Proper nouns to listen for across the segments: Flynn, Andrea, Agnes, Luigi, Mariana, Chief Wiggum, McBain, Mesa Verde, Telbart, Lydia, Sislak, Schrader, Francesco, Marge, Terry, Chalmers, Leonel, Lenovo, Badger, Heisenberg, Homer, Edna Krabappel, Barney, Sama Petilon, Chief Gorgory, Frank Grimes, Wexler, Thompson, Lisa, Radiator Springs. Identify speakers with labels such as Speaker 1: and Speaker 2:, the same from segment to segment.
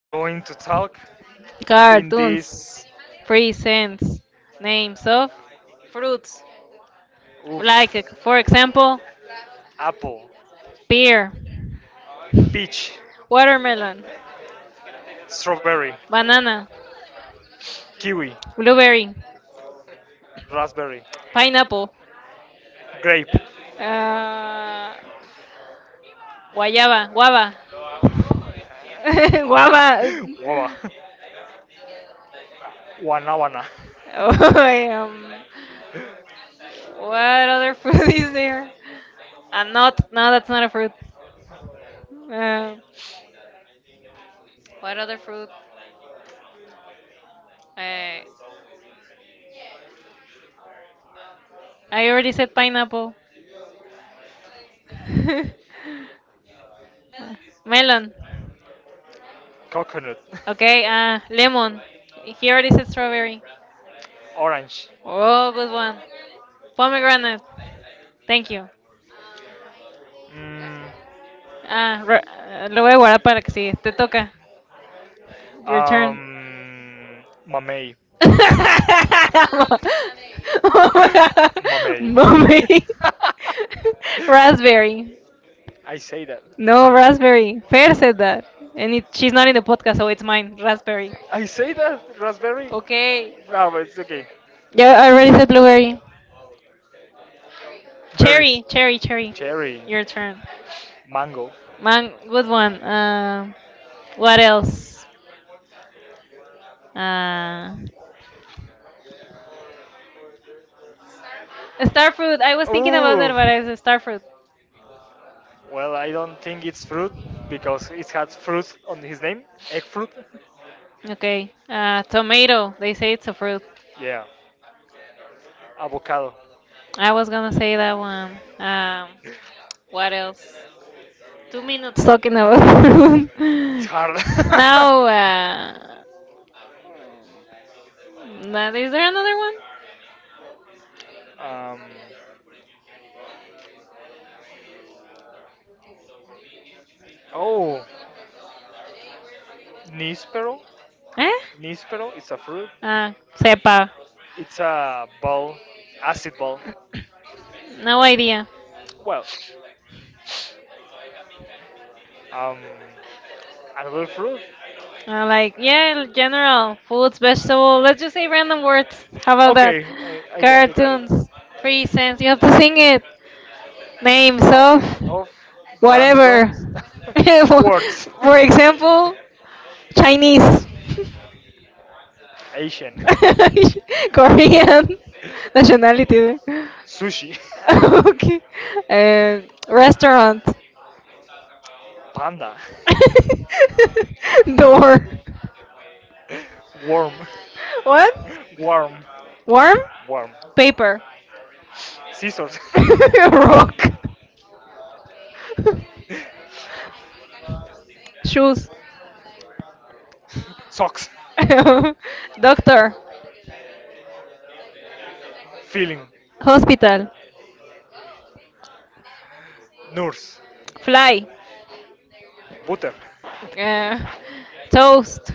Speaker 1: we're going to talk in
Speaker 2: Cartoons.
Speaker 1: this.
Speaker 2: Presents. Names of fruits.
Speaker 1: Oof,
Speaker 2: Like, for example,
Speaker 1: apple,
Speaker 2: pear,
Speaker 1: peach,
Speaker 2: watermelon,
Speaker 1: strawberry,
Speaker 2: banana,
Speaker 1: kiwi,
Speaker 2: blueberry,
Speaker 1: raspberry,
Speaker 2: pineapple,
Speaker 1: grape,
Speaker 2: uh, guayaba, guava. Guava.
Speaker 1: wawa, wana wana.
Speaker 2: Oh, I, um,
Speaker 1: What
Speaker 2: what other
Speaker 1: other
Speaker 2: fruit
Speaker 1: food
Speaker 2: is
Speaker 1: is there?
Speaker 2: there?
Speaker 1: I don't
Speaker 2: Not,
Speaker 1: know.
Speaker 2: no, that's not a fruit. Uh,
Speaker 1: Um,
Speaker 2: what
Speaker 1: what
Speaker 2: other
Speaker 1: other food?
Speaker 2: fruit? Uh,
Speaker 1: Uh,
Speaker 2: I
Speaker 1: I,
Speaker 2: already said pineapple.
Speaker 1: melon?
Speaker 2: Melon.
Speaker 1: Coconut.
Speaker 2: Okay,
Speaker 1: Okay,
Speaker 2: lemon.
Speaker 1: almond.
Speaker 2: He
Speaker 1: You
Speaker 2: already
Speaker 1: already
Speaker 2: said
Speaker 1: said
Speaker 2: strawberry.
Speaker 1: Orange.
Speaker 2: Oh, good
Speaker 1: Golden one.
Speaker 2: one.
Speaker 1: Pomegranate.
Speaker 2: Pomegranate.
Speaker 1: Thank
Speaker 2: Thank you.
Speaker 1: you. Um,
Speaker 2: Lo
Speaker 1: Mm,
Speaker 2: voy a guardar para que sigue. Te
Speaker 1: uh,
Speaker 2: toca. Your turn.
Speaker 1: Mamey. Mamey.
Speaker 2: Mummy. Raspberry.
Speaker 1: I say that.
Speaker 2: No, raspberry. Fair said that. She's not in the podcast, so it's mine. Raspberry.
Speaker 1: I say that raspberry.
Speaker 2: Okay.
Speaker 1: No, but it's okay.
Speaker 2: Yeah, I already said blueberry.
Speaker 1: Berries.
Speaker 2: Cherry, cherry, cherry.
Speaker 1: Cherry.
Speaker 2: Your turn.
Speaker 1: Mango.
Speaker 2: Man, good one. What else? Uh, Star fruit. I was thinking about that,
Speaker 1: Ooh.
Speaker 2: but it's a star fruit.
Speaker 1: Well, I don't think it's fruit because it has fruit on his name, egg fruit.
Speaker 2: Okay. Tomato. They say it's a fruit.
Speaker 1: Yeah, avocado.
Speaker 2: I was gonna say that one. What else? Two minutes talking about
Speaker 1: It's
Speaker 2: fruit.
Speaker 1: hard.
Speaker 2: now, uh, now, is there another one?
Speaker 1: um, oh, Nispero.
Speaker 2: Eh?
Speaker 1: Nispero, it's a fruit.
Speaker 2: Uh, Sepa.
Speaker 1: It's a ball, acid ball.
Speaker 2: No idea.
Speaker 1: Well, Um, another fruit?
Speaker 2: Like, yeah, general, foods, vegetable. Let's just say random words. How about that?
Speaker 1: Okay, I got it.
Speaker 2: Cartoons, free cents. You have to sing it. Names
Speaker 1: Oh,
Speaker 2: of
Speaker 1: of random
Speaker 2: whatever.
Speaker 1: words.
Speaker 2: For example, Chinese,
Speaker 1: Asian.
Speaker 2: Korean, nationality. There.
Speaker 1: Sushi.
Speaker 2: Okay. Uh, restaurant.
Speaker 1: Panda.
Speaker 2: Door.
Speaker 1: Worm.
Speaker 2: What?
Speaker 1: Worm.
Speaker 2: Warm?
Speaker 1: Worm.
Speaker 2: Paper.
Speaker 1: Scissors. Rock.
Speaker 2: Rock.
Speaker 1: Shoes.
Speaker 2: Shoes.
Speaker 1: Socks. Doctor.
Speaker 2: Doctor,
Speaker 1: Feeling. Hospital.
Speaker 2: hospital,
Speaker 1: Nurse. Fly.
Speaker 2: fly,
Speaker 1: Butter.
Speaker 2: uh,
Speaker 1: Toast.
Speaker 2: toast,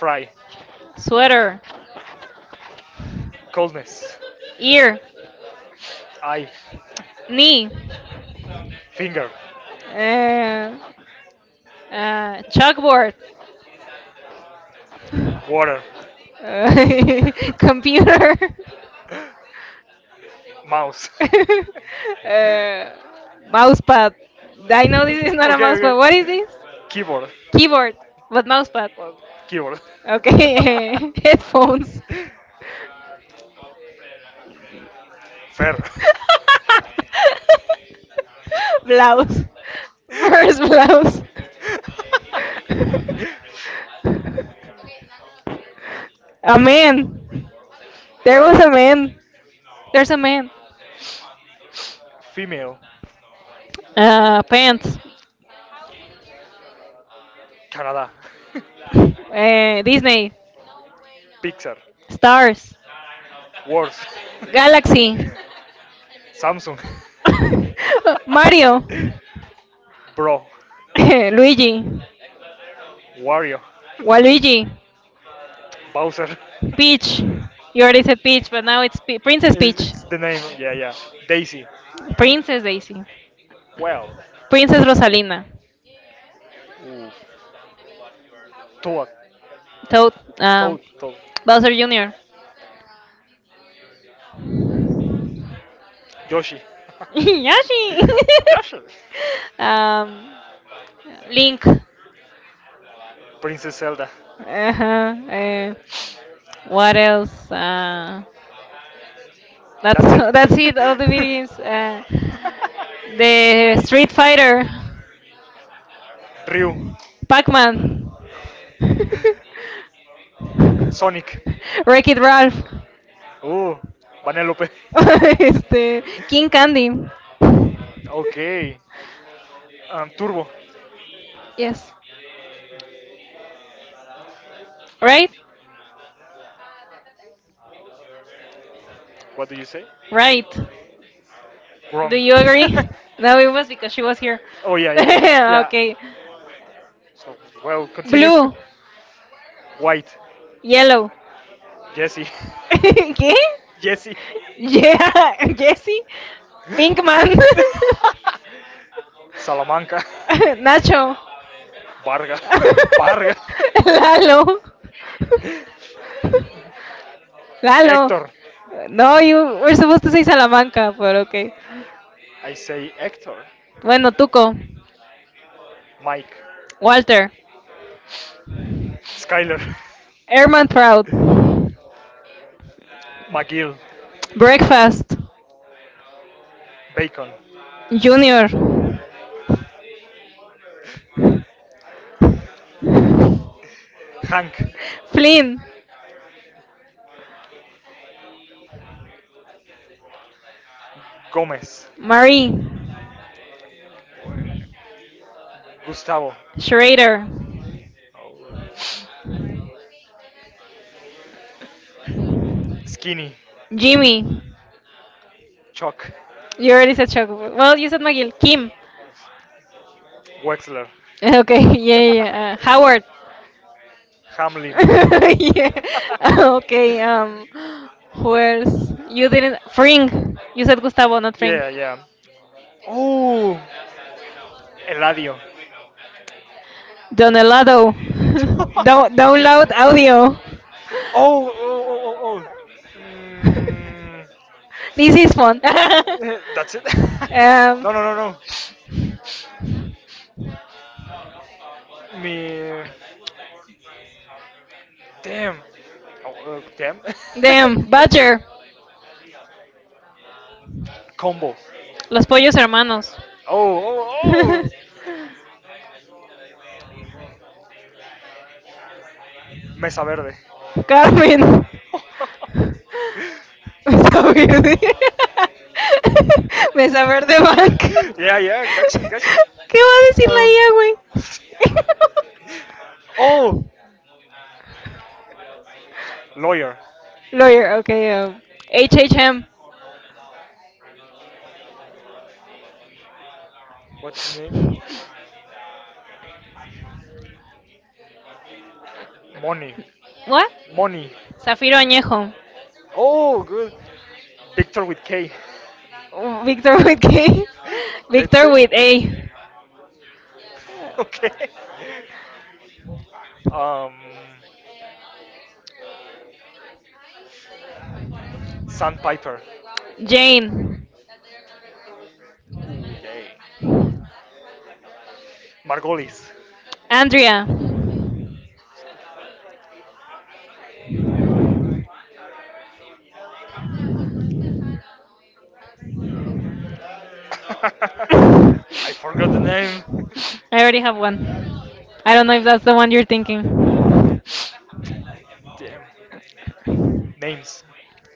Speaker 1: Fry.
Speaker 2: sweater,
Speaker 1: Coldness. Ear.
Speaker 2: ear,
Speaker 1: Eye. Knee.
Speaker 2: knee,
Speaker 1: Finger.
Speaker 2: uh, chalkboard,
Speaker 1: Water.
Speaker 2: uh, computer,
Speaker 1: Mouse.
Speaker 2: uh, mousepad.
Speaker 1: Dinosaur
Speaker 2: I
Speaker 1: is
Speaker 2: know
Speaker 1: not okay,
Speaker 2: this
Speaker 1: a
Speaker 2: is not
Speaker 1: mouse.
Speaker 2: a
Speaker 1: Okay.
Speaker 2: mousepad. What
Speaker 1: What
Speaker 2: is
Speaker 1: is
Speaker 2: this?
Speaker 1: keyboard. Keyboard?
Speaker 2: Keyboard, but
Speaker 1: What mouse.
Speaker 2: mousepad.
Speaker 1: Well, keyboard. Okay.
Speaker 2: Okay,
Speaker 1: Headphones.
Speaker 2: headphones.
Speaker 1: Fair. Blouse.
Speaker 2: Blouse.
Speaker 1: First
Speaker 2: First
Speaker 1: blouse.
Speaker 2: blouse. A
Speaker 1: A man.
Speaker 2: man.
Speaker 1: Where?
Speaker 2: There
Speaker 1: Where
Speaker 2: was
Speaker 1: was a
Speaker 2: a
Speaker 1: man?
Speaker 2: man. There's
Speaker 1: There's a
Speaker 2: a
Speaker 1: man.
Speaker 2: man.
Speaker 1: Female. Man.
Speaker 2: Pants.
Speaker 1: Canada. Uh, Disney.
Speaker 2: Disney.
Speaker 1: Pixar.
Speaker 2: Stars.
Speaker 1: Stars. Words.
Speaker 2: Galaxy.
Speaker 1: Samsung.
Speaker 2: Mario.
Speaker 1: Bro.
Speaker 2: Luigi.
Speaker 1: Wario.
Speaker 2: Waluigi.
Speaker 1: Bowser.
Speaker 2: Peach. You already said Peach, but now it's Princess
Speaker 1: It's,
Speaker 2: Peach.
Speaker 1: it's the name. Yeah, yeah. Daisy.
Speaker 2: Princess Daisy.
Speaker 1: Well.
Speaker 2: Princess Rosalina.
Speaker 1: Ooh. Toad.
Speaker 2: Toad, um,
Speaker 1: Toad. Toad.
Speaker 2: Bowser Jr.
Speaker 1: Yoshi.
Speaker 2: Yoshi.
Speaker 1: Yoshi.
Speaker 2: um, Link.
Speaker 1: Princess Zelda.
Speaker 2: Uh-huh. What else? That's that's it. All the
Speaker 1: Da-
Speaker 2: video games. The Street Fighter,
Speaker 1: Ryu.
Speaker 2: Pac-Man,
Speaker 1: Sonic.
Speaker 2: Wreck It Ralph,
Speaker 1: Oh, Vanellope.
Speaker 2: este, King Candy.
Speaker 1: Okay. Turbo.
Speaker 2: Yes. Right?
Speaker 1: What do you say?
Speaker 2: Right. Do
Speaker 1: Wrong.
Speaker 2: you agree? No, it was because she was here.
Speaker 1: Oh yeah, yeah, yeah, yeah.
Speaker 2: Okay.
Speaker 1: So well, continue.
Speaker 2: Blue,
Speaker 1: White.
Speaker 2: yellow.
Speaker 1: Jesse.
Speaker 2: ¿Qué?
Speaker 1: Jesse. Yeah.
Speaker 2: Yeah, Jesse,
Speaker 1: Pinkman.
Speaker 2: Pinkman,
Speaker 1: Salamanca. Nacho.
Speaker 2: Nacho,
Speaker 1: Varga. Varga. Lalo. Lalo.
Speaker 2: Lalo, Lalo.
Speaker 1: Héctor.
Speaker 2: No, you were supposed to say Salamanca, but okay.
Speaker 1: I say Héctor.
Speaker 2: Bueno, Tuco,
Speaker 1: Mike.
Speaker 2: Walter,
Speaker 1: Skyler.
Speaker 2: Herman Proud,
Speaker 1: McGill.
Speaker 2: Breakfast,
Speaker 1: Bacon.
Speaker 2: Junior.
Speaker 1: Hank. Flynn.
Speaker 2: Flynn,
Speaker 1: Gómez.
Speaker 2: Marie,
Speaker 1: Gustavo.
Speaker 2: Schrader,
Speaker 1: Oh. Skinny,
Speaker 2: Jimmy.
Speaker 1: Chuck,
Speaker 2: You already said Chuck. Well, you said McGill. Kim.
Speaker 1: Wexler,
Speaker 2: Okay, yeah, Howard.
Speaker 1: Hamlin.
Speaker 2: Yeah. Okay. Who else? You didn't. Fring. You said Gustavo, not Fring.
Speaker 1: Yeah, yeah. Oh, Eladio.
Speaker 2: Donelado.
Speaker 1: Oh,
Speaker 2: Don't download audio.
Speaker 1: oh, oh, oh. Oh. Mm,
Speaker 2: This is fun.
Speaker 1: that's it.
Speaker 2: Um.
Speaker 1: No, no, no, no. Me. Damn. Oh, damn.
Speaker 2: Damn. Badger.
Speaker 1: Combo.
Speaker 2: Los pollos hermanos.
Speaker 1: Oh, oh, oh. Mesa Verde.
Speaker 2: Carmen. Mesa verde. Mesa verde bank.
Speaker 1: Yeah, yeah, catch it, catch
Speaker 2: ¿Qué va a
Speaker 1: it.
Speaker 2: decir la
Speaker 1: Um,
Speaker 2: IA, güey?
Speaker 1: oh, lawyer.
Speaker 2: Lawyer, okay. Um, HHM.
Speaker 1: What's his name? Money.
Speaker 2: What?
Speaker 1: Money.
Speaker 2: Zafiro Añejo.
Speaker 1: Oh, good. Victor with K.
Speaker 2: Victor with K.
Speaker 1: That's
Speaker 2: Victor
Speaker 1: it.
Speaker 2: with A.
Speaker 1: Okay. Um, Sandpiper. Jane.
Speaker 2: Jane.
Speaker 1: Ooh, yay. Margolis.
Speaker 2: Andrea.
Speaker 1: I forgot the name.
Speaker 2: I already have one. I don't know if that's the one you're thinking.
Speaker 1: Damn. Names.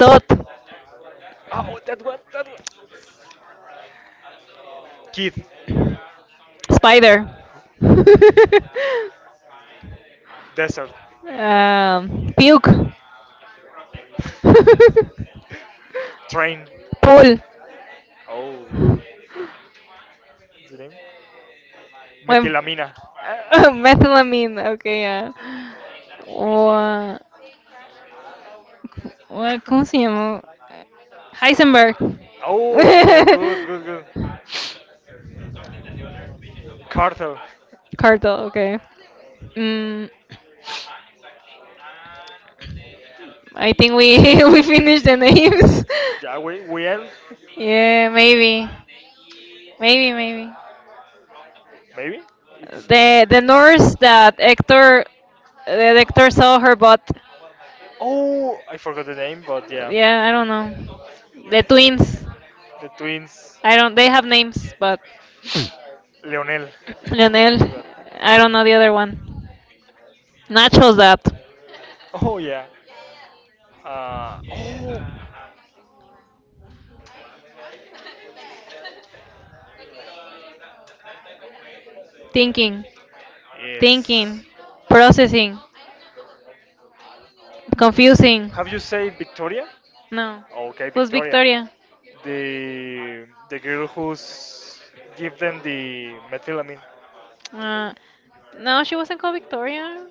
Speaker 2: Tot.
Speaker 1: Oh, that one, that one. Kid.
Speaker 2: Spider.
Speaker 1: Desert.
Speaker 2: Puke.
Speaker 1: Train. Pool.
Speaker 2: Pool.
Speaker 1: Oh. The name?
Speaker 2: When
Speaker 1: Metilamina.
Speaker 2: methylamine, okay, yeah. O, ah, ¿Cómo se llamó? Heisenberg.
Speaker 1: Oh, good, good, good. Cartel.
Speaker 2: Cartel, okay. Mm, I think we we finished the names.
Speaker 1: Yeah, we end.
Speaker 2: Yeah, maybe. Maybe, maybe.
Speaker 1: Maybe? It's.
Speaker 2: The nurse that Hector saw her butt.
Speaker 1: Oh, I forgot the name, but yeah.
Speaker 2: Yeah, I don't know. The twins.
Speaker 1: The twins.
Speaker 2: I don't. They have names, but
Speaker 1: Leonel. I
Speaker 2: Leonel. I
Speaker 1: don't
Speaker 2: don't
Speaker 1: know
Speaker 2: know the
Speaker 1: the other
Speaker 2: other
Speaker 1: one.
Speaker 2: one.
Speaker 1: Nacho
Speaker 2: Nacho's that.
Speaker 1: Zap. Oh yeah. Uh, oh
Speaker 2: Thinking,
Speaker 1: Thinking. Yes.
Speaker 2: thinking, processing, confusing.
Speaker 1: Have you said Victoria?
Speaker 2: No.
Speaker 1: No. Okay,
Speaker 2: Who's
Speaker 1: Victoria.
Speaker 2: Victoria?
Speaker 1: The girl who's give them the methylamine.
Speaker 2: Uh, no, she wasn't called Victoria.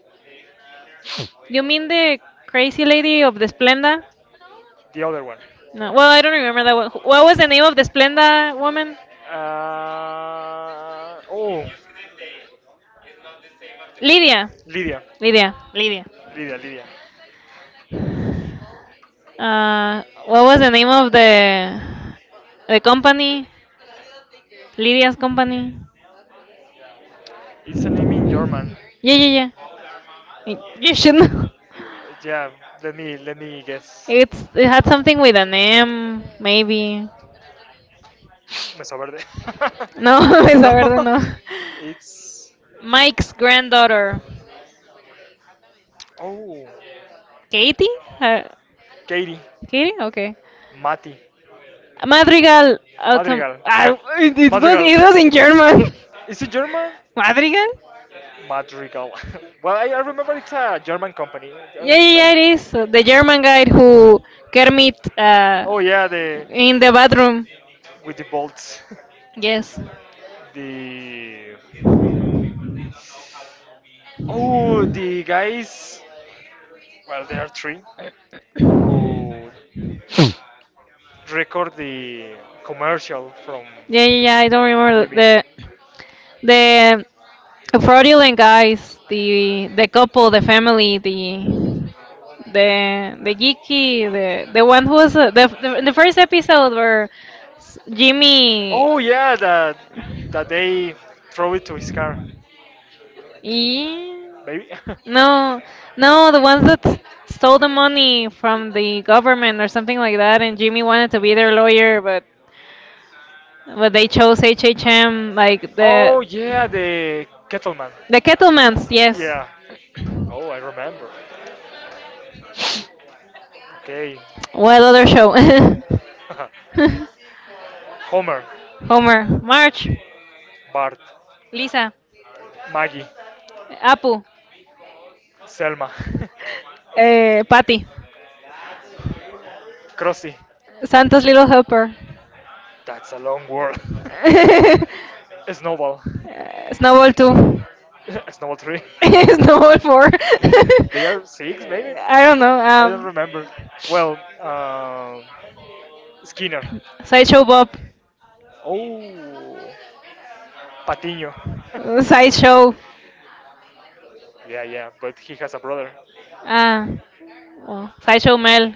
Speaker 2: You mean
Speaker 1: No.
Speaker 2: the crazy lady of the Splenda?
Speaker 1: The other one.
Speaker 2: No, well, I
Speaker 1: Well,
Speaker 2: don't remember that one.
Speaker 1: well,
Speaker 2: What was the name of the Splenda woman?
Speaker 1: Uh, oh,
Speaker 2: Lydia.
Speaker 1: Lydia,
Speaker 2: Lydia. Lydia.
Speaker 1: Lydia. Lydia, Lydia.
Speaker 2: What was the name of the company? Lydia's company.
Speaker 1: It's a name in German.
Speaker 2: Yeah, yeah, yeah. You should know.
Speaker 1: Yeah, let me guess it.
Speaker 2: It's it had something with an M, maybe.
Speaker 1: Mesa Verde. No,
Speaker 2: No,
Speaker 1: it's
Speaker 2: esa verde
Speaker 1: no,
Speaker 2: no.
Speaker 1: it's Mike's
Speaker 2: Mike's
Speaker 1: granddaughter.
Speaker 2: granddaughter,
Speaker 1: Oh
Speaker 2: Katie. Uh,
Speaker 1: Katie,
Speaker 2: Katie, okay.
Speaker 1: Mati,
Speaker 2: Madrigal autumn.
Speaker 1: Madrigal,
Speaker 2: Ah, it, it was
Speaker 1: Madrigal.
Speaker 2: it was in German.
Speaker 1: Is it German?
Speaker 2: Madrigal?
Speaker 1: Madrigal. Well, I remember it's a German company.
Speaker 2: Yeah, yeah, yeah, it is. The German guy who Kermit
Speaker 1: Oh yeah, the
Speaker 2: in the bathroom.
Speaker 1: with the bolts.
Speaker 2: Yes.
Speaker 1: The oh, the guys. Well, there are three who record the commercial from
Speaker 2: Yeah, yeah, yeah. I don't remember
Speaker 1: Jimmy.
Speaker 2: the fraudulent guys, the couple, the family, the geeky, the one who was the first episode where Jimmy.
Speaker 1: Oh yeah, that that they throw it to his car,
Speaker 2: Yeah.
Speaker 1: maybe.
Speaker 2: No, no, the ones that stole the money from the government or something like that, and Jimmy wanted to be their lawyer, but they chose HHM, like
Speaker 1: Oh yeah, the Kettleman.
Speaker 2: the Kettlemans, yes.
Speaker 1: Yeah. Oh, I remember. Okay.
Speaker 2: What other show?
Speaker 1: Homer,
Speaker 2: Homer, Marge,
Speaker 1: Bart,
Speaker 2: Lisa,
Speaker 1: Maggie,
Speaker 2: Apu,
Speaker 1: Selma,
Speaker 2: eh, Patty,
Speaker 1: Krusty.
Speaker 2: Santa's Little Helper,
Speaker 1: That's a long word. A snowball.
Speaker 2: Snowball 2,
Speaker 1: A snowball tree.
Speaker 2: Snowball 4.
Speaker 1: They are six, maybe? No?
Speaker 2: I don't know.
Speaker 1: I don't remember. Well, Skinner.
Speaker 2: Sideshow Bob.
Speaker 1: Oh, Patiño.
Speaker 2: Sideshow.
Speaker 1: Yeah, yeah, but he has a brother.
Speaker 2: Uh, well, Sideshow Mel.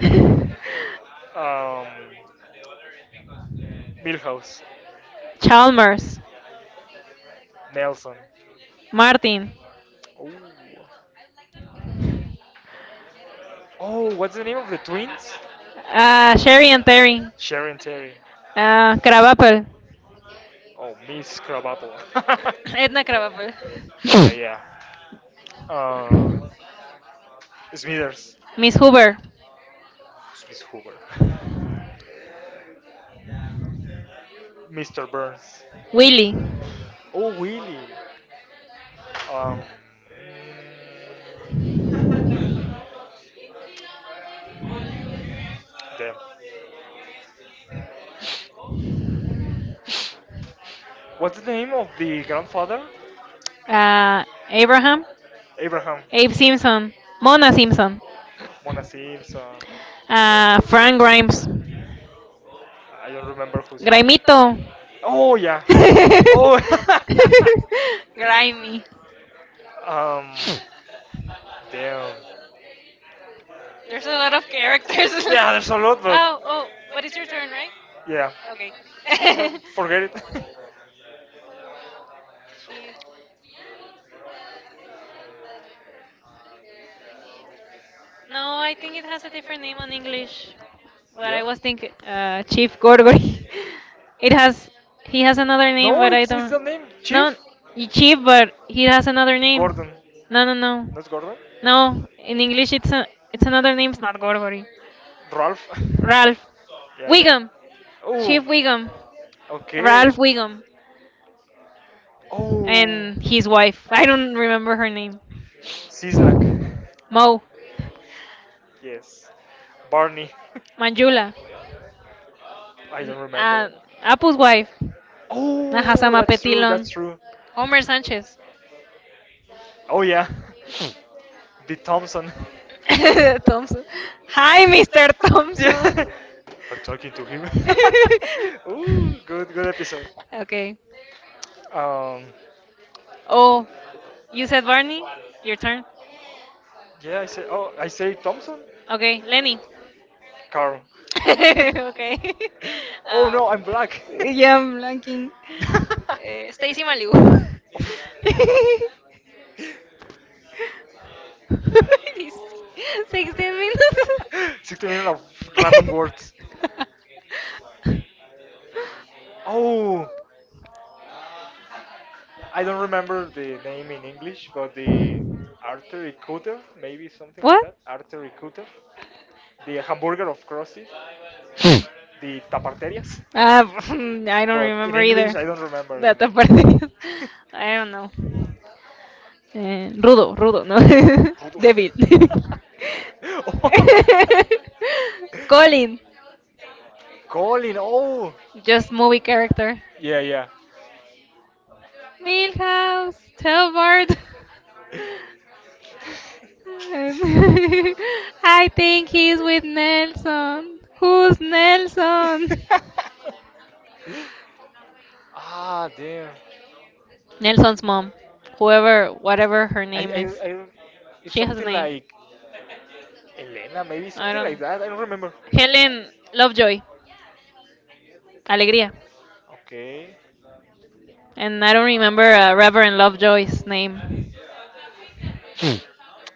Speaker 1: Man. Milhouse.
Speaker 2: Chalmers.
Speaker 1: Nelson.
Speaker 2: Martin.
Speaker 1: Oh. Oh, what's the name of the twins?
Speaker 2: Sherry and Terry.
Speaker 1: Sharon Terry.
Speaker 2: Krabappel.
Speaker 1: Oh, Miss Crabapple.
Speaker 2: Edna Krabappel.
Speaker 1: Yeah, yeah. Uh, Smithers.
Speaker 2: Miss Hoover.
Speaker 1: Who's Miss Hoover? Mr. Burns.
Speaker 2: Willie.
Speaker 1: Oh, Willie. Um, damn. What's the name of the grandfather?
Speaker 2: Uh, Abraham.
Speaker 1: Abraham.
Speaker 2: Abe Simpson, Mona Simpson,
Speaker 1: Mona Simpson.
Speaker 2: Frank Grimes,
Speaker 1: I don't remember who's from.
Speaker 2: Grimito,
Speaker 1: Oh yeah. Oh.
Speaker 2: Grimy.
Speaker 1: Um. Damn. There's
Speaker 2: There's a
Speaker 1: a lot
Speaker 2: lot
Speaker 1: of
Speaker 2: of characters.
Speaker 1: characters. Yeah, there's a lot, but
Speaker 2: oh, oh,
Speaker 1: But
Speaker 2: but
Speaker 1: it's
Speaker 2: it's
Speaker 1: your
Speaker 2: your
Speaker 1: turn,
Speaker 2: turn, right?
Speaker 1: right? Yeah,
Speaker 2: Okay.
Speaker 1: okay. Forget it.
Speaker 2: Jeez.
Speaker 1: No,
Speaker 2: No,
Speaker 1: I
Speaker 2: I
Speaker 1: think
Speaker 2: think
Speaker 1: it
Speaker 2: it
Speaker 1: has
Speaker 2: has
Speaker 1: a
Speaker 2: a
Speaker 1: different
Speaker 2: different
Speaker 1: name
Speaker 2: name
Speaker 1: in
Speaker 2: on
Speaker 1: English.
Speaker 2: English.
Speaker 1: Well, I
Speaker 2: What
Speaker 1: yeah
Speaker 2: I
Speaker 1: was
Speaker 2: was
Speaker 1: thinking.
Speaker 2: thinking, Chief Gorgory.
Speaker 1: It,
Speaker 2: It has,
Speaker 1: he
Speaker 2: he
Speaker 1: has
Speaker 2: has
Speaker 1: a
Speaker 2: another
Speaker 1: name.
Speaker 2: name,
Speaker 1: No,
Speaker 2: but I
Speaker 1: it's
Speaker 2: don't.
Speaker 1: the name
Speaker 2: No,
Speaker 1: Chief
Speaker 2: y-
Speaker 1: Chief.
Speaker 2: Chief, but he
Speaker 1: You have
Speaker 2: has
Speaker 1: a
Speaker 2: another
Speaker 1: name.
Speaker 2: name.
Speaker 1: Gordon. No,
Speaker 2: No,
Speaker 1: no,
Speaker 2: no, no,
Speaker 1: not Gordon? No,
Speaker 2: no.
Speaker 1: in
Speaker 2: In
Speaker 1: English,
Speaker 2: English, it's another name. It's not Gorgory.
Speaker 1: Ralph? Ralph.
Speaker 2: Ralph
Speaker 1: Yeah, yeah. Wiggum.
Speaker 2: Wiggum,
Speaker 1: Steve Oh,
Speaker 2: Chief
Speaker 1: Wiggum.
Speaker 2: Wiggum,
Speaker 1: Ralph. Okay.
Speaker 2: Ralph
Speaker 1: And
Speaker 2: Wiggum,
Speaker 1: Oh,
Speaker 2: and his wife.
Speaker 1: I
Speaker 2: I
Speaker 1: don't
Speaker 2: don't remember her name.
Speaker 1: Sislak know.
Speaker 2: Mo,
Speaker 1: Yes. Barney. Manjula.
Speaker 2: Manjula,
Speaker 1: I
Speaker 2: N-
Speaker 1: don't Uh,
Speaker 2: uh,
Speaker 1: remember. Apple.
Speaker 2: Apu's wife.
Speaker 1: That
Speaker 2: Ajá,
Speaker 1: has a Oh,
Speaker 2: Sama
Speaker 1: that's true, Petrino.
Speaker 2: Petilon.
Speaker 1: That's true. Homer.
Speaker 2: Homer Sánchez.
Speaker 1: Oh, yeah. The Thompson.
Speaker 2: Thompson.
Speaker 1: Hi,
Speaker 2: Hi,
Speaker 1: Mr.
Speaker 2: Mr.
Speaker 1: Thompson. Yeah.
Speaker 2: Thompson.
Speaker 1: I'm talking to him. Ooh, good, good episode.
Speaker 2: Okay.
Speaker 1: Um, oh,
Speaker 2: Oh,
Speaker 1: you
Speaker 2: you
Speaker 1: said
Speaker 2: said
Speaker 1: Barney?
Speaker 2: Barney?
Speaker 1: Your
Speaker 2: Your turn.
Speaker 1: turn. Yeah, I say. Oh, I say Thompson. Okay,
Speaker 2: Okay,
Speaker 1: Lenny.
Speaker 2: Lenny.
Speaker 1: Carl. Okay.
Speaker 2: Okay.
Speaker 1: Oh
Speaker 2: Um,
Speaker 1: no, I'm black.
Speaker 2: yeah, I'm blanking. Eh,
Speaker 1: Stacy
Speaker 2: Stacy Malibu.
Speaker 1: Malibu.
Speaker 2: This- 16 minutes.
Speaker 1: 60 million of random words. Oh, I don't remember the name in English, but the artery cutter, maybe something like
Speaker 2: What?
Speaker 1: that. Artery cutter, the hamburger of crusties, the taparterias.
Speaker 2: I
Speaker 1: Mm,
Speaker 2: don't
Speaker 1: But in
Speaker 2: remember either.
Speaker 1: English, I don't remember the
Speaker 2: Data
Speaker 1: name.
Speaker 2: perdidos. I don't know. Eh,
Speaker 1: Rudo,
Speaker 2: rudo, rudo, no.
Speaker 1: rudo.
Speaker 2: Devil.
Speaker 1: Rudolf.
Speaker 2: Colin,
Speaker 1: Colin, oh,
Speaker 2: just movie character.
Speaker 1: yeah, yeah.
Speaker 2: Milhouse, Telbart. Um, I think he's with Nelson. Who's Nelson?
Speaker 1: Ah, damn.
Speaker 2: Nelson's mom. Whoever, whatever her
Speaker 1: I,
Speaker 2: name is.
Speaker 1: I, I, it's
Speaker 2: She has a
Speaker 1: something
Speaker 2: name.
Speaker 1: like Elena, maybe
Speaker 2: I
Speaker 1: something like
Speaker 2: don't.
Speaker 1: that. I don't remember.
Speaker 2: Helen Lovejoy. Alegría.
Speaker 1: Okay,
Speaker 2: And I don't remember Reverend Lovejoy's name.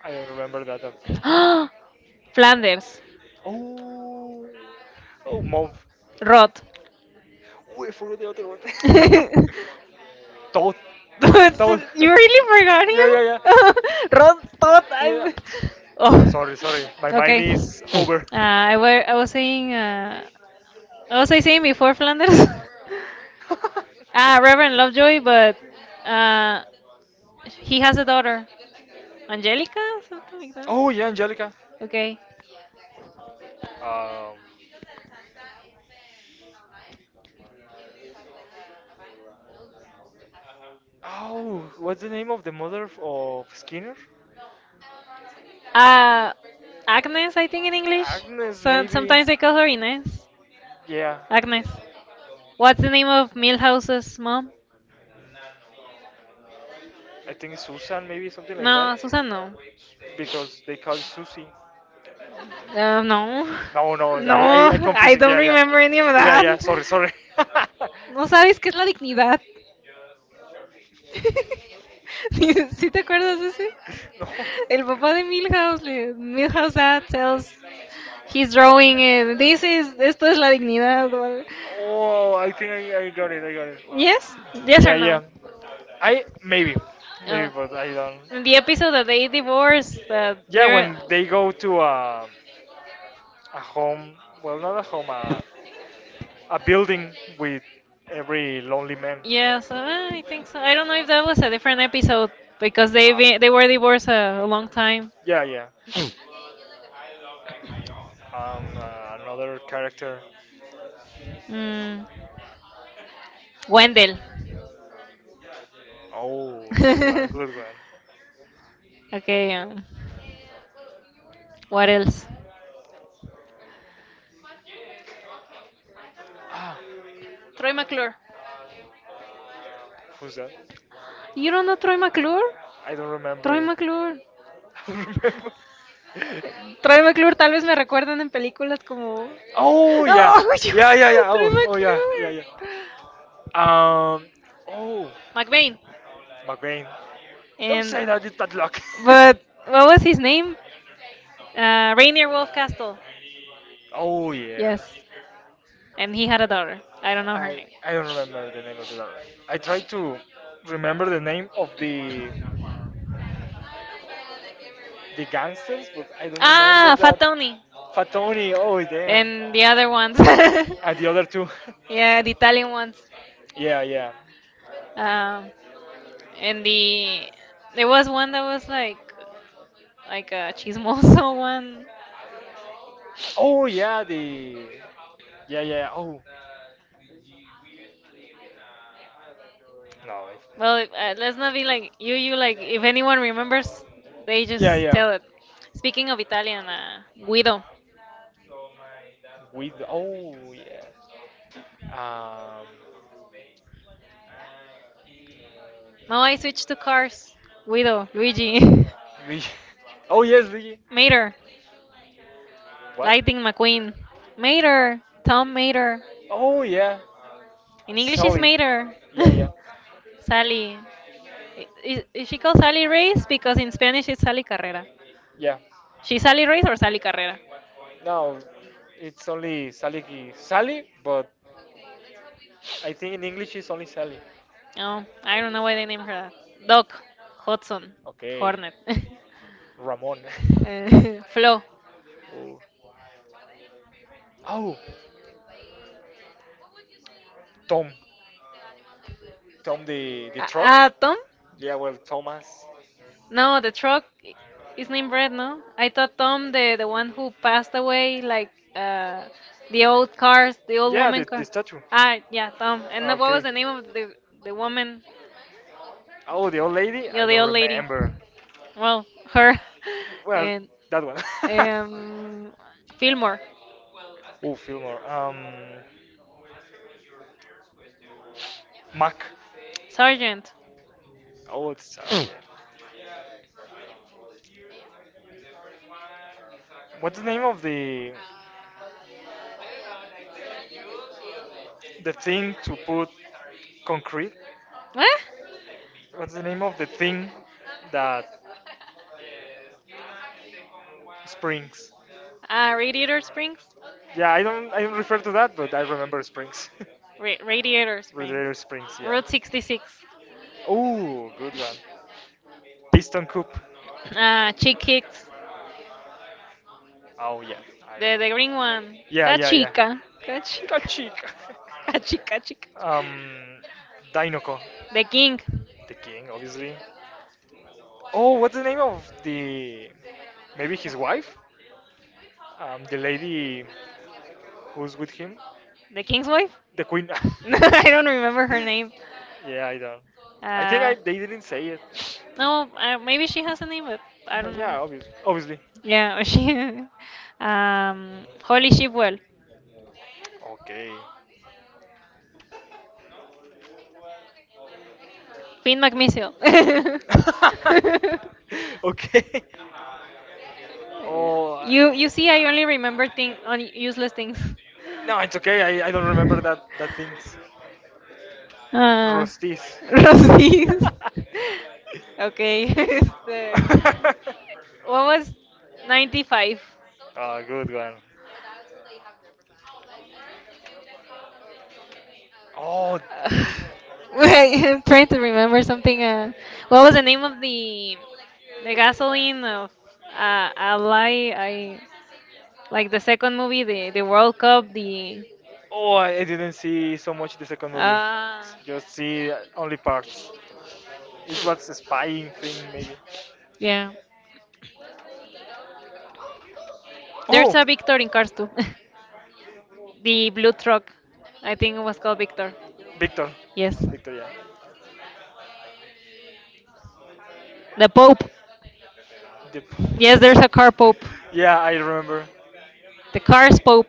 Speaker 1: I don't remember that.
Speaker 2: Flanders.
Speaker 1: Oh, oh, mom.
Speaker 2: Roth.
Speaker 1: Oh, I forgot the other one. Toad. Toad.
Speaker 2: You really forgot
Speaker 1: Yeah, yeah, yeah.
Speaker 2: him? Ron thought
Speaker 1: Yeah.
Speaker 2: I. Oh,
Speaker 1: Sorry, sorry. My mind
Speaker 2: okay.
Speaker 1: is over.
Speaker 2: I was saying. What was I saying before Flanders? Ah, Reverend Lovejoy, but uh, he has a daughter, Angelica, something like that.
Speaker 1: Oh, yeah, Angelica.
Speaker 2: Okay.
Speaker 1: Um, oh, what's the name of the mother of Skinner?
Speaker 2: Uh, Agnes, I think in English.
Speaker 1: Agnes,
Speaker 2: So
Speaker 1: maybe.
Speaker 2: sometimes they call her Inés.
Speaker 1: Yeah.
Speaker 2: Agnes. What's the name of Milhouse's mom?
Speaker 1: I think Susan, maybe something like that,
Speaker 2: No,
Speaker 1: S-
Speaker 2: Susan, no.
Speaker 1: because they call it Susie.
Speaker 2: No.
Speaker 1: No, no,
Speaker 2: No,
Speaker 1: I
Speaker 2: I
Speaker 1: confusing.
Speaker 2: don't
Speaker 1: Yeah, yeah,
Speaker 2: remember any of
Speaker 1: yeah,
Speaker 2: that.
Speaker 1: yeah. Sorry, sorry.
Speaker 2: No sabes qué es la dignidad. ¿Sí, sí te acuerdas de ese?
Speaker 1: No.
Speaker 2: El papá de Milhouse, Milhouse Dad tells he's drawing it. This is, esto es la dignidad. O algo.
Speaker 1: Oh, I think I got it. I got it.
Speaker 2: Yes? Yes or
Speaker 1: Yeah, yeah.
Speaker 2: no?
Speaker 1: I maybe, maybe,
Speaker 2: Oh.
Speaker 1: but I don't.
Speaker 2: In the episode that they divorced, that
Speaker 1: Yeah,
Speaker 2: they're
Speaker 1: when they go to a home, well, not a home, a building with every lonely man.
Speaker 2: Yes, I think so. I don't know if that was a different episode because
Speaker 1: Ah.
Speaker 2: they were divorced a long time.
Speaker 1: Yeah, yeah. And another character.
Speaker 2: Mm. Wendell.
Speaker 1: Oh, good one, good one.
Speaker 2: Okay. What else?
Speaker 1: Ah,
Speaker 2: Troy McClure.
Speaker 1: who's that?
Speaker 2: You don't know Troy McClure?
Speaker 1: I don't remember
Speaker 2: Troy
Speaker 1: it.
Speaker 2: McClure.
Speaker 1: I don't remember.
Speaker 2: Troy McClure tal vez me recuerdan en películas como...
Speaker 1: Oh yeah,
Speaker 2: Oh, yo-
Speaker 1: yeah, yeah, yeah.
Speaker 2: Troy
Speaker 1: Oh, oh yeah, yeah,
Speaker 2: McClure.
Speaker 1: yeah. Um, oh,
Speaker 2: McBain.
Speaker 1: McBain. Don't
Speaker 2: And
Speaker 1: say that. It's bad luck.
Speaker 2: but what was his name? Rainier Wolf Castle.
Speaker 1: Oh yeah.
Speaker 2: Yes. And he had a daughter. I don't know her name.
Speaker 1: I don't remember the name of the rapper. I try to remember the name of the gangsters, but I don't remember
Speaker 2: Ah, Fat
Speaker 1: that.
Speaker 2: Tony.
Speaker 1: Fat Tony. Oh damn.
Speaker 2: And the other ones.
Speaker 1: And the other two.
Speaker 2: Yeah, the Italian ones.
Speaker 1: Yeah, yeah.
Speaker 2: Um, and there was one that was like a chismoso one.
Speaker 1: Oh yeah, the yeah yeah. Oh No, if,
Speaker 2: Well,
Speaker 1: Well,
Speaker 2: let's
Speaker 1: let's
Speaker 2: not
Speaker 1: not
Speaker 2: be
Speaker 1: be like
Speaker 2: like you.
Speaker 1: you,
Speaker 2: You
Speaker 1: you like
Speaker 2: like
Speaker 1: if
Speaker 2: if anyone
Speaker 1: anyone remembers,
Speaker 2: remembers,
Speaker 1: they
Speaker 2: they
Speaker 1: just Yeah,
Speaker 2: just
Speaker 1: yeah,
Speaker 2: tell
Speaker 1: tell
Speaker 2: it.
Speaker 1: it.
Speaker 2: Speaking
Speaker 1: Speaking of
Speaker 2: of Italian,
Speaker 1: Italian, Guido.
Speaker 2: Guido.
Speaker 1: With oh yeah. Um. No,
Speaker 2: No, I
Speaker 1: I switched
Speaker 2: switched
Speaker 1: to
Speaker 2: to
Speaker 1: cars.
Speaker 2: cars. Guido, Luigi,
Speaker 1: Luigi. We. Oh yes, Luigi. Mater.
Speaker 2: Mater,
Speaker 1: What? I
Speaker 2: Lightning
Speaker 1: think.
Speaker 2: McQueen,
Speaker 1: Mater.
Speaker 2: Mater, Tom Mater.
Speaker 1: Oh yeah. In English
Speaker 2: In
Speaker 1: it's
Speaker 2: English is
Speaker 1: Sally. Mater.
Speaker 2: Mater.
Speaker 1: Yeah, yeah,
Speaker 2: Sally.
Speaker 1: Sally. Is
Speaker 2: Is
Speaker 1: she
Speaker 2: she called
Speaker 1: called Sally
Speaker 2: Sally
Speaker 1: Ray?
Speaker 2: Reyes? Because in Spanish it's Sally Carrera.
Speaker 1: Yeah. She
Speaker 2: She's Sally Reyes or Sally Carrera?
Speaker 1: No, it's only Sally. Sally, but I think in English it's only Sally.
Speaker 2: Oh, I don't know why they named her that. Doc, Hudson,
Speaker 1: Okay,
Speaker 2: Hornet.
Speaker 1: Ramon.
Speaker 2: Flo.
Speaker 1: Oh. Oh, Tom. Tom the truck.
Speaker 2: Tom?
Speaker 1: Yeah, well, Thomas.
Speaker 2: No, the truck
Speaker 1: His
Speaker 2: is
Speaker 1: name
Speaker 2: named
Speaker 1: Brett,
Speaker 2: Brett,
Speaker 1: no?
Speaker 2: no?
Speaker 1: I
Speaker 2: I
Speaker 1: thought
Speaker 2: thought
Speaker 1: Tom,
Speaker 2: Tom, the the
Speaker 1: the one
Speaker 2: one
Speaker 1: who
Speaker 2: who
Speaker 1: passed
Speaker 2: passed away,
Speaker 1: away,
Speaker 2: like
Speaker 1: like
Speaker 2: uh, the
Speaker 1: the
Speaker 2: old
Speaker 1: old cars,
Speaker 2: cars, the
Speaker 1: the old
Speaker 2: old
Speaker 1: Yeah,
Speaker 2: woman
Speaker 1: the
Speaker 2: car.
Speaker 1: statue. Ah,
Speaker 2: Ah,
Speaker 1: yeah,
Speaker 2: yeah,
Speaker 1: Tom. And
Speaker 2: Tom.
Speaker 1: then
Speaker 2: And
Speaker 1: what
Speaker 2: then
Speaker 1: was
Speaker 2: what
Speaker 1: Okay,
Speaker 2: was the
Speaker 1: the name
Speaker 2: name
Speaker 1: of
Speaker 2: of the the
Speaker 1: the woman?
Speaker 2: woman?
Speaker 1: Oh, the old lady? Oh, I
Speaker 2: Yeah,
Speaker 1: the
Speaker 2: the
Speaker 1: don't old
Speaker 2: old
Speaker 1: lady
Speaker 2: lady.
Speaker 1: remember.
Speaker 2: Well, her
Speaker 1: Well,
Speaker 2: and
Speaker 1: that one.
Speaker 2: um,
Speaker 1: Yeah,
Speaker 2: Fillmore,
Speaker 1: Fillmore. Oh, Fillmore. Mac. Sorry.
Speaker 2: Sergeant.
Speaker 1: Oh, it's sorry. Yeah. What's the name of the thing to put concrete?
Speaker 2: What?
Speaker 1: What? What's the name of the thing that springs?
Speaker 2: Ah, Radiator Springs.
Speaker 1: Yeah, I don't refer to that, but I remember
Speaker 2: Like
Speaker 1: springs.
Speaker 2: Radiator
Speaker 1: Radiator
Speaker 2: Springs.
Speaker 1: springs, yeah.
Speaker 2: Route 66.
Speaker 1: Oh, good one. Piston coupe.
Speaker 2: Ah, Chick Hicks.
Speaker 1: Oh yeah, I
Speaker 2: The
Speaker 1: remember.
Speaker 2: green one. Yeah, yeah,
Speaker 1: Yeah,
Speaker 2: yeah.
Speaker 1: yeah, yeah.
Speaker 2: Cachica. Cachica.
Speaker 1: Kachika.
Speaker 2: Cachica, chica.
Speaker 1: Um, Dinoco.
Speaker 2: The king.
Speaker 1: The king, obviously. Oh, what's the name of the? Maybe his wife? The lady who's with him, the
Speaker 2: The
Speaker 1: king's
Speaker 2: king's
Speaker 1: wife?
Speaker 2: wife?
Speaker 1: The queen. I
Speaker 2: No, I don't
Speaker 1: don't remember
Speaker 2: remember
Speaker 1: her
Speaker 2: her
Speaker 1: name.
Speaker 2: name.
Speaker 1: Yeah, I don't. I think
Speaker 2: Uh,
Speaker 1: I they didn't say it. No,
Speaker 2: no,
Speaker 1: pero
Speaker 2: maybe she has a name, but I don't know.
Speaker 1: Yeah,
Speaker 2: No.
Speaker 1: obvious, obviously.
Speaker 2: Yeah,
Speaker 1: Yeah.
Speaker 2: she. Holy Shipwell.
Speaker 1: Okay.
Speaker 2: Finn Magnesio.
Speaker 1: Okay. Oh, I
Speaker 2: You see, I
Speaker 1: only
Speaker 2: only
Speaker 1: remember
Speaker 2: remember thing
Speaker 1: things on
Speaker 2: on
Speaker 1: useless
Speaker 2: useless things.
Speaker 1: things. No, it's okay. I don't remember that that things. Uh,
Speaker 2: Ah, Rosbif. Okay. Este, what
Speaker 1: What was
Speaker 2: was
Speaker 1: 95?
Speaker 2: 95?
Speaker 1: Ah, good one. Oh, Wait,
Speaker 2: Uh, Wait, I'm trying to remember something.
Speaker 1: no,
Speaker 2: What was the name of the
Speaker 1: the gasoline?
Speaker 2: gasoline of a I
Speaker 1: Like
Speaker 2: like the second movie, the World Cup, the
Speaker 1: oh, I didn't see so much the second movie.
Speaker 2: uh
Speaker 1: Just see only parts. It was a spying thing, maybe.
Speaker 2: yeah.
Speaker 1: Oh,
Speaker 2: There's a Victor in Cars too. The blue truck, I think it was called Victor.
Speaker 1: Victor.
Speaker 2: Yes,
Speaker 1: Victor, yeah.
Speaker 2: the Pope.
Speaker 1: The p-
Speaker 2: Yes, there's a car Pope.
Speaker 1: yeah, I remember.
Speaker 2: The car's Pope.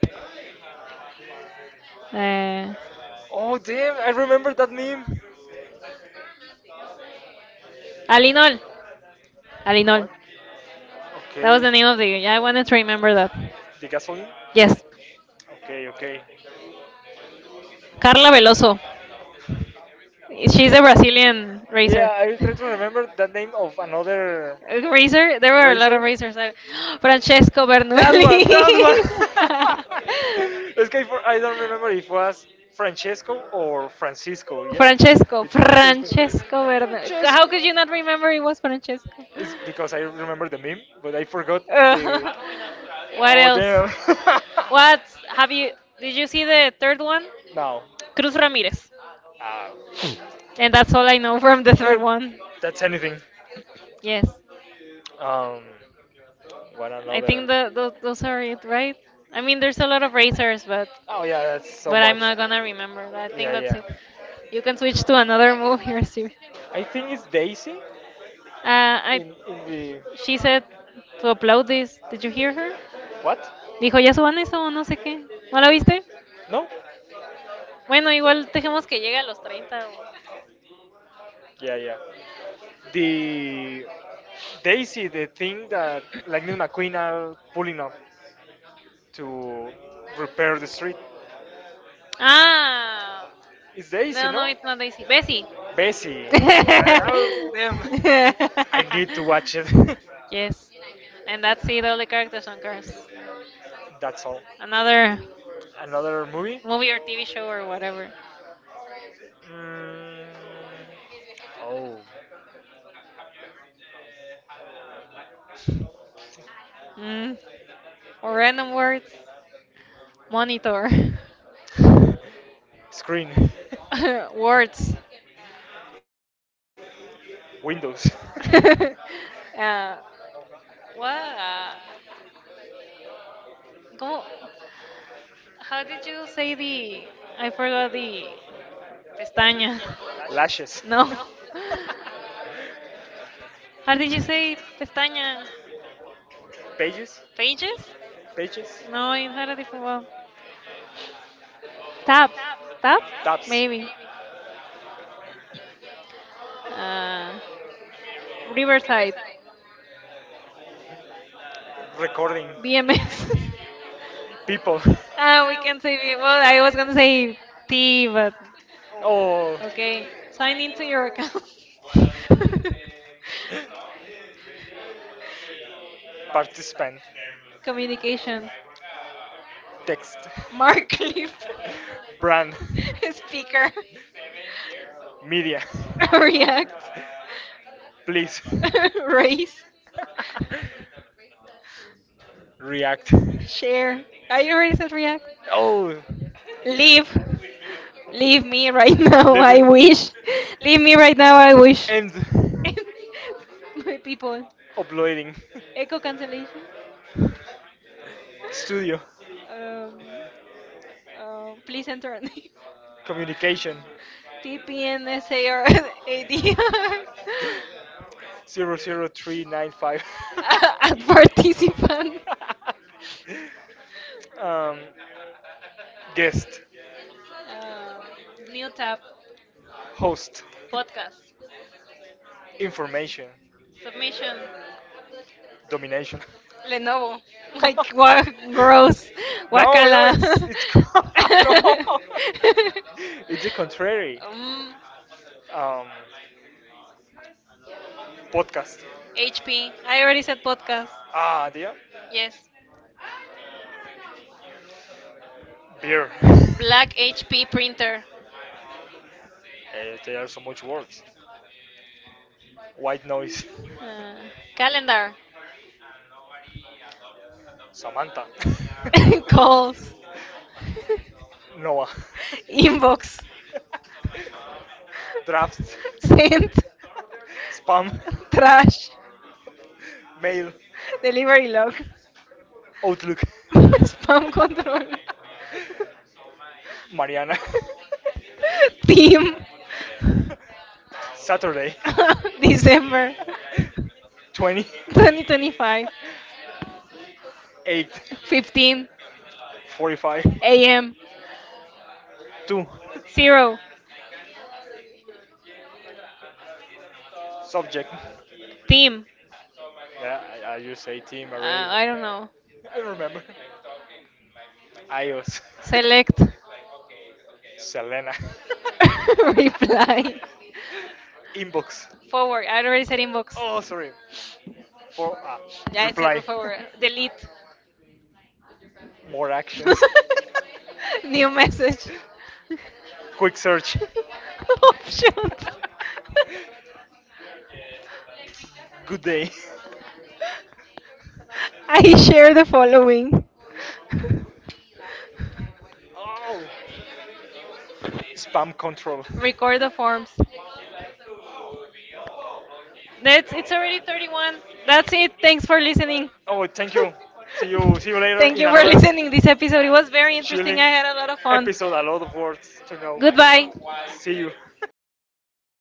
Speaker 2: Uh,
Speaker 1: Oh, damn, I remember that meme.
Speaker 2: Alinol. Alinol.
Speaker 1: What?
Speaker 2: That was
Speaker 1: Okay.
Speaker 2: the name of the. I wanted to remember that.
Speaker 1: The gasoline?
Speaker 2: Yes.
Speaker 1: Okay, okay.
Speaker 2: Carla Veloso. She's
Speaker 1: She's
Speaker 2: a
Speaker 1: a Brazilian
Speaker 2: Brazilian
Speaker 1: racer.
Speaker 2: racer.
Speaker 1: Yeah, I try to remember the name of another Racer?
Speaker 2: Razor?
Speaker 1: There
Speaker 2: There
Speaker 1: were a lot
Speaker 2: were a lot
Speaker 1: racer
Speaker 2: of
Speaker 1: of racers
Speaker 2: razors. Francesco
Speaker 1: That one,
Speaker 2: Bernoulli.
Speaker 1: that one. It's okay for I don't remember if it was
Speaker 2: Francesco,
Speaker 1: Francesco or Francisco. Yeah, Francesco.
Speaker 2: Francesco
Speaker 1: It's Francesco.
Speaker 2: Bernoulli.
Speaker 1: Francesco. How
Speaker 2: How could
Speaker 1: could
Speaker 2: you
Speaker 1: you not
Speaker 2: not
Speaker 1: remember
Speaker 2: remember it was Francesco?
Speaker 1: It's because I remember the meme, but I forgot the.
Speaker 2: Uh, what
Speaker 1: Oh Well,
Speaker 2: else?
Speaker 1: damn. What have
Speaker 2: What have you?
Speaker 1: you?
Speaker 2: Did
Speaker 1: Did you
Speaker 2: you
Speaker 1: see
Speaker 2: see
Speaker 1: the
Speaker 2: the
Speaker 1: third
Speaker 2: third
Speaker 1: one?
Speaker 2: one?
Speaker 1: No. Cruz
Speaker 2: Cruz
Speaker 1: Ramirez.
Speaker 2: Ramirez.
Speaker 1: Uh,
Speaker 2: And that's all I know from the
Speaker 1: yeah,
Speaker 2: third one.
Speaker 1: that's anything.
Speaker 2: Yes.
Speaker 1: Um, what
Speaker 2: I
Speaker 1: another?
Speaker 2: think those are it, right? I mean, there's a lot of razors, but
Speaker 1: Oh yeah, that's so
Speaker 2: I'm
Speaker 1: much.
Speaker 2: not gonna remember. I think
Speaker 1: Yeah,
Speaker 2: that's
Speaker 1: yeah.
Speaker 2: it. You can switch to another move here, Steve.
Speaker 1: I think it's Daisy
Speaker 2: Uh, I,
Speaker 1: in the
Speaker 2: she said to upload this. Did you hear her?
Speaker 1: what?
Speaker 2: Dijo, ya suban eso o no sé qué. ¿No la viste?
Speaker 1: No?
Speaker 2: Bueno, igual dejemos que llegue a los 30. O-
Speaker 1: Yeah, yeah the they see the thing that Lightning McQueen are pulling up to repair the street.
Speaker 2: ah,
Speaker 1: It's Daisy,
Speaker 2: no, no,
Speaker 1: no?
Speaker 2: it's not Daisy. Bessie.
Speaker 1: Bessie. I- oh, damn. I need to watch it.
Speaker 2: Yes. And that's it, all the characters on Cars.
Speaker 1: That's all.
Speaker 2: Another
Speaker 1: Another movie?
Speaker 2: movie or TV show or whatever.
Speaker 1: Mm, oh.
Speaker 2: Mm. Or random words. Monitor.
Speaker 1: Screen.
Speaker 2: Words.
Speaker 1: Windows.
Speaker 2: uh, what? Go. How did you say the? I forgot the. Pestaña.
Speaker 1: Lashes.
Speaker 2: No. How did you say pestaña?
Speaker 1: Pages.
Speaker 2: Pages?
Speaker 1: Pages.
Speaker 2: No, it had a different one. Taps, taps,
Speaker 1: Tabs.
Speaker 2: maybe. Uh, Riverside,
Speaker 1: Recording BMX.
Speaker 2: BMS.
Speaker 1: People.
Speaker 2: Ah,
Speaker 1: Ah,
Speaker 2: we
Speaker 1: we
Speaker 2: can
Speaker 1: can say
Speaker 2: say,
Speaker 1: that. Well,
Speaker 2: well, I
Speaker 1: I
Speaker 2: was gonna
Speaker 1: wasn't saying
Speaker 2: say T,
Speaker 1: team.
Speaker 2: but
Speaker 1: Oh,
Speaker 2: okay.
Speaker 1: okay,
Speaker 2: Sign
Speaker 1: sign
Speaker 2: into
Speaker 1: into
Speaker 2: your
Speaker 1: your
Speaker 2: account.
Speaker 1: account. Participant, Communication,
Speaker 2: Communication.
Speaker 1: text,
Speaker 2: Mark
Speaker 1: Marketing,
Speaker 2: Cliff.
Speaker 1: brand,
Speaker 2: Speaker.
Speaker 1: Speaker, media.
Speaker 2: React.
Speaker 1: Please React, please. Race.
Speaker 2: Race.
Speaker 1: React. Share.
Speaker 2: Share.
Speaker 1: Are
Speaker 2: I
Speaker 1: you
Speaker 2: already said react.
Speaker 1: Oh, Leave.
Speaker 2: Leave. Leave me right now.
Speaker 1: Live
Speaker 2: I
Speaker 1: life.
Speaker 2: wish. Leave me
Speaker 1: Leave
Speaker 2: right now. I wish.
Speaker 1: and my
Speaker 2: My
Speaker 1: people,
Speaker 2: people.
Speaker 1: uploading
Speaker 2: Echo
Speaker 1: Echo
Speaker 2: cancellation.
Speaker 1: cancellation. Studio
Speaker 2: Um,
Speaker 1: Please
Speaker 2: please
Speaker 1: enter.
Speaker 2: enter a name.
Speaker 1: Communication
Speaker 2: TPNSAR
Speaker 1: VPN, 00395.
Speaker 2: at participant.
Speaker 1: um, guest
Speaker 2: Uh, new
Speaker 1: New
Speaker 2: tab,
Speaker 1: tab. Host.
Speaker 2: podcast,
Speaker 1: Information.
Speaker 2: submission.
Speaker 1: Domination.
Speaker 2: Lenovo.
Speaker 1: Lenovo.
Speaker 2: Like, what
Speaker 1: No,
Speaker 2: gross.
Speaker 1: no,
Speaker 2: Wakala.
Speaker 1: it's no. It's the contrary.
Speaker 2: Um,
Speaker 1: Um, podcast.
Speaker 2: HP. I already said podcast.
Speaker 1: Ah, dear. Yes.
Speaker 2: Yes.
Speaker 1: Beer. Black
Speaker 2: Black
Speaker 1: HP
Speaker 2: HP
Speaker 1: printer.
Speaker 2: printer.
Speaker 1: Eh, there are so much words. White noise.
Speaker 2: Uh,
Speaker 1: Calendar.
Speaker 2: Calendar.
Speaker 1: Samantha. Call.
Speaker 2: Calls.
Speaker 1: Noah. Inbox.
Speaker 2: Inbox.
Speaker 1: Drafts. Send.
Speaker 2: Sent.
Speaker 1: Spam. Trash.
Speaker 2: Trash.
Speaker 1: Mail.
Speaker 2: Delivery
Speaker 1: Delivery
Speaker 2: log.
Speaker 1: log. Outlook.
Speaker 2: Spam control.
Speaker 1: Mariana.
Speaker 2: Team.
Speaker 1: Saturday. December.
Speaker 2: December 20.
Speaker 1: 20. 2025. 8. 15 45. a.m.
Speaker 2: a.m.
Speaker 1: Two. Zero.
Speaker 2: Zero.
Speaker 1: Subject. Team.
Speaker 2: Team. Yeah,
Speaker 1: Yeah, I just say team already. I
Speaker 2: I don't
Speaker 1: don't
Speaker 2: know.
Speaker 1: know. I don't remember. Ios. Select.
Speaker 2: Select.
Speaker 1: Selena.
Speaker 2: Reply.
Speaker 1: Inbox.
Speaker 2: Forward.
Speaker 1: Forward.
Speaker 2: I
Speaker 1: I
Speaker 2: already
Speaker 1: already said
Speaker 2: said
Speaker 1: inbox.
Speaker 2: inbox.
Speaker 1: Oh, sorry. For Yeah, I
Speaker 2: Yeah,
Speaker 1: said
Speaker 2: I said
Speaker 1: reply, forward.
Speaker 2: forward.
Speaker 1: Delete.
Speaker 2: Delete.
Speaker 1: More actions. New
Speaker 2: New message.
Speaker 1: message. Quick search. Oh, shit.
Speaker 2: Options.
Speaker 1: Good day.
Speaker 2: I share the following.
Speaker 1: Oh. Spam control.
Speaker 2: Record
Speaker 1: Record
Speaker 2: the
Speaker 1: the form.
Speaker 2: forms.
Speaker 1: That
Speaker 2: That's it's
Speaker 1: it's
Speaker 2: already
Speaker 1: already 31.
Speaker 2: 31. That's
Speaker 1: That's it.
Speaker 2: it. Thanks
Speaker 1: Thanks for
Speaker 2: for
Speaker 1: listening.
Speaker 2: listening.
Speaker 1: Oh, thank you. See you. See you later Thank
Speaker 2: Thank
Speaker 1: in you
Speaker 2: you
Speaker 1: for
Speaker 2: for
Speaker 1: another
Speaker 2: listening
Speaker 1: listening. This
Speaker 2: this episode.
Speaker 1: episode
Speaker 2: It was
Speaker 1: was very
Speaker 2: very
Speaker 1: interesting.
Speaker 2: interesting.
Speaker 1: Chilling I
Speaker 2: I had
Speaker 1: had
Speaker 2: a
Speaker 1: a
Speaker 2: lot
Speaker 1: lot
Speaker 2: of
Speaker 1: of fun.
Speaker 2: fun.
Speaker 1: Episode. A lot of words to know. Bye
Speaker 2: Goodbye.
Speaker 1: bye. See you.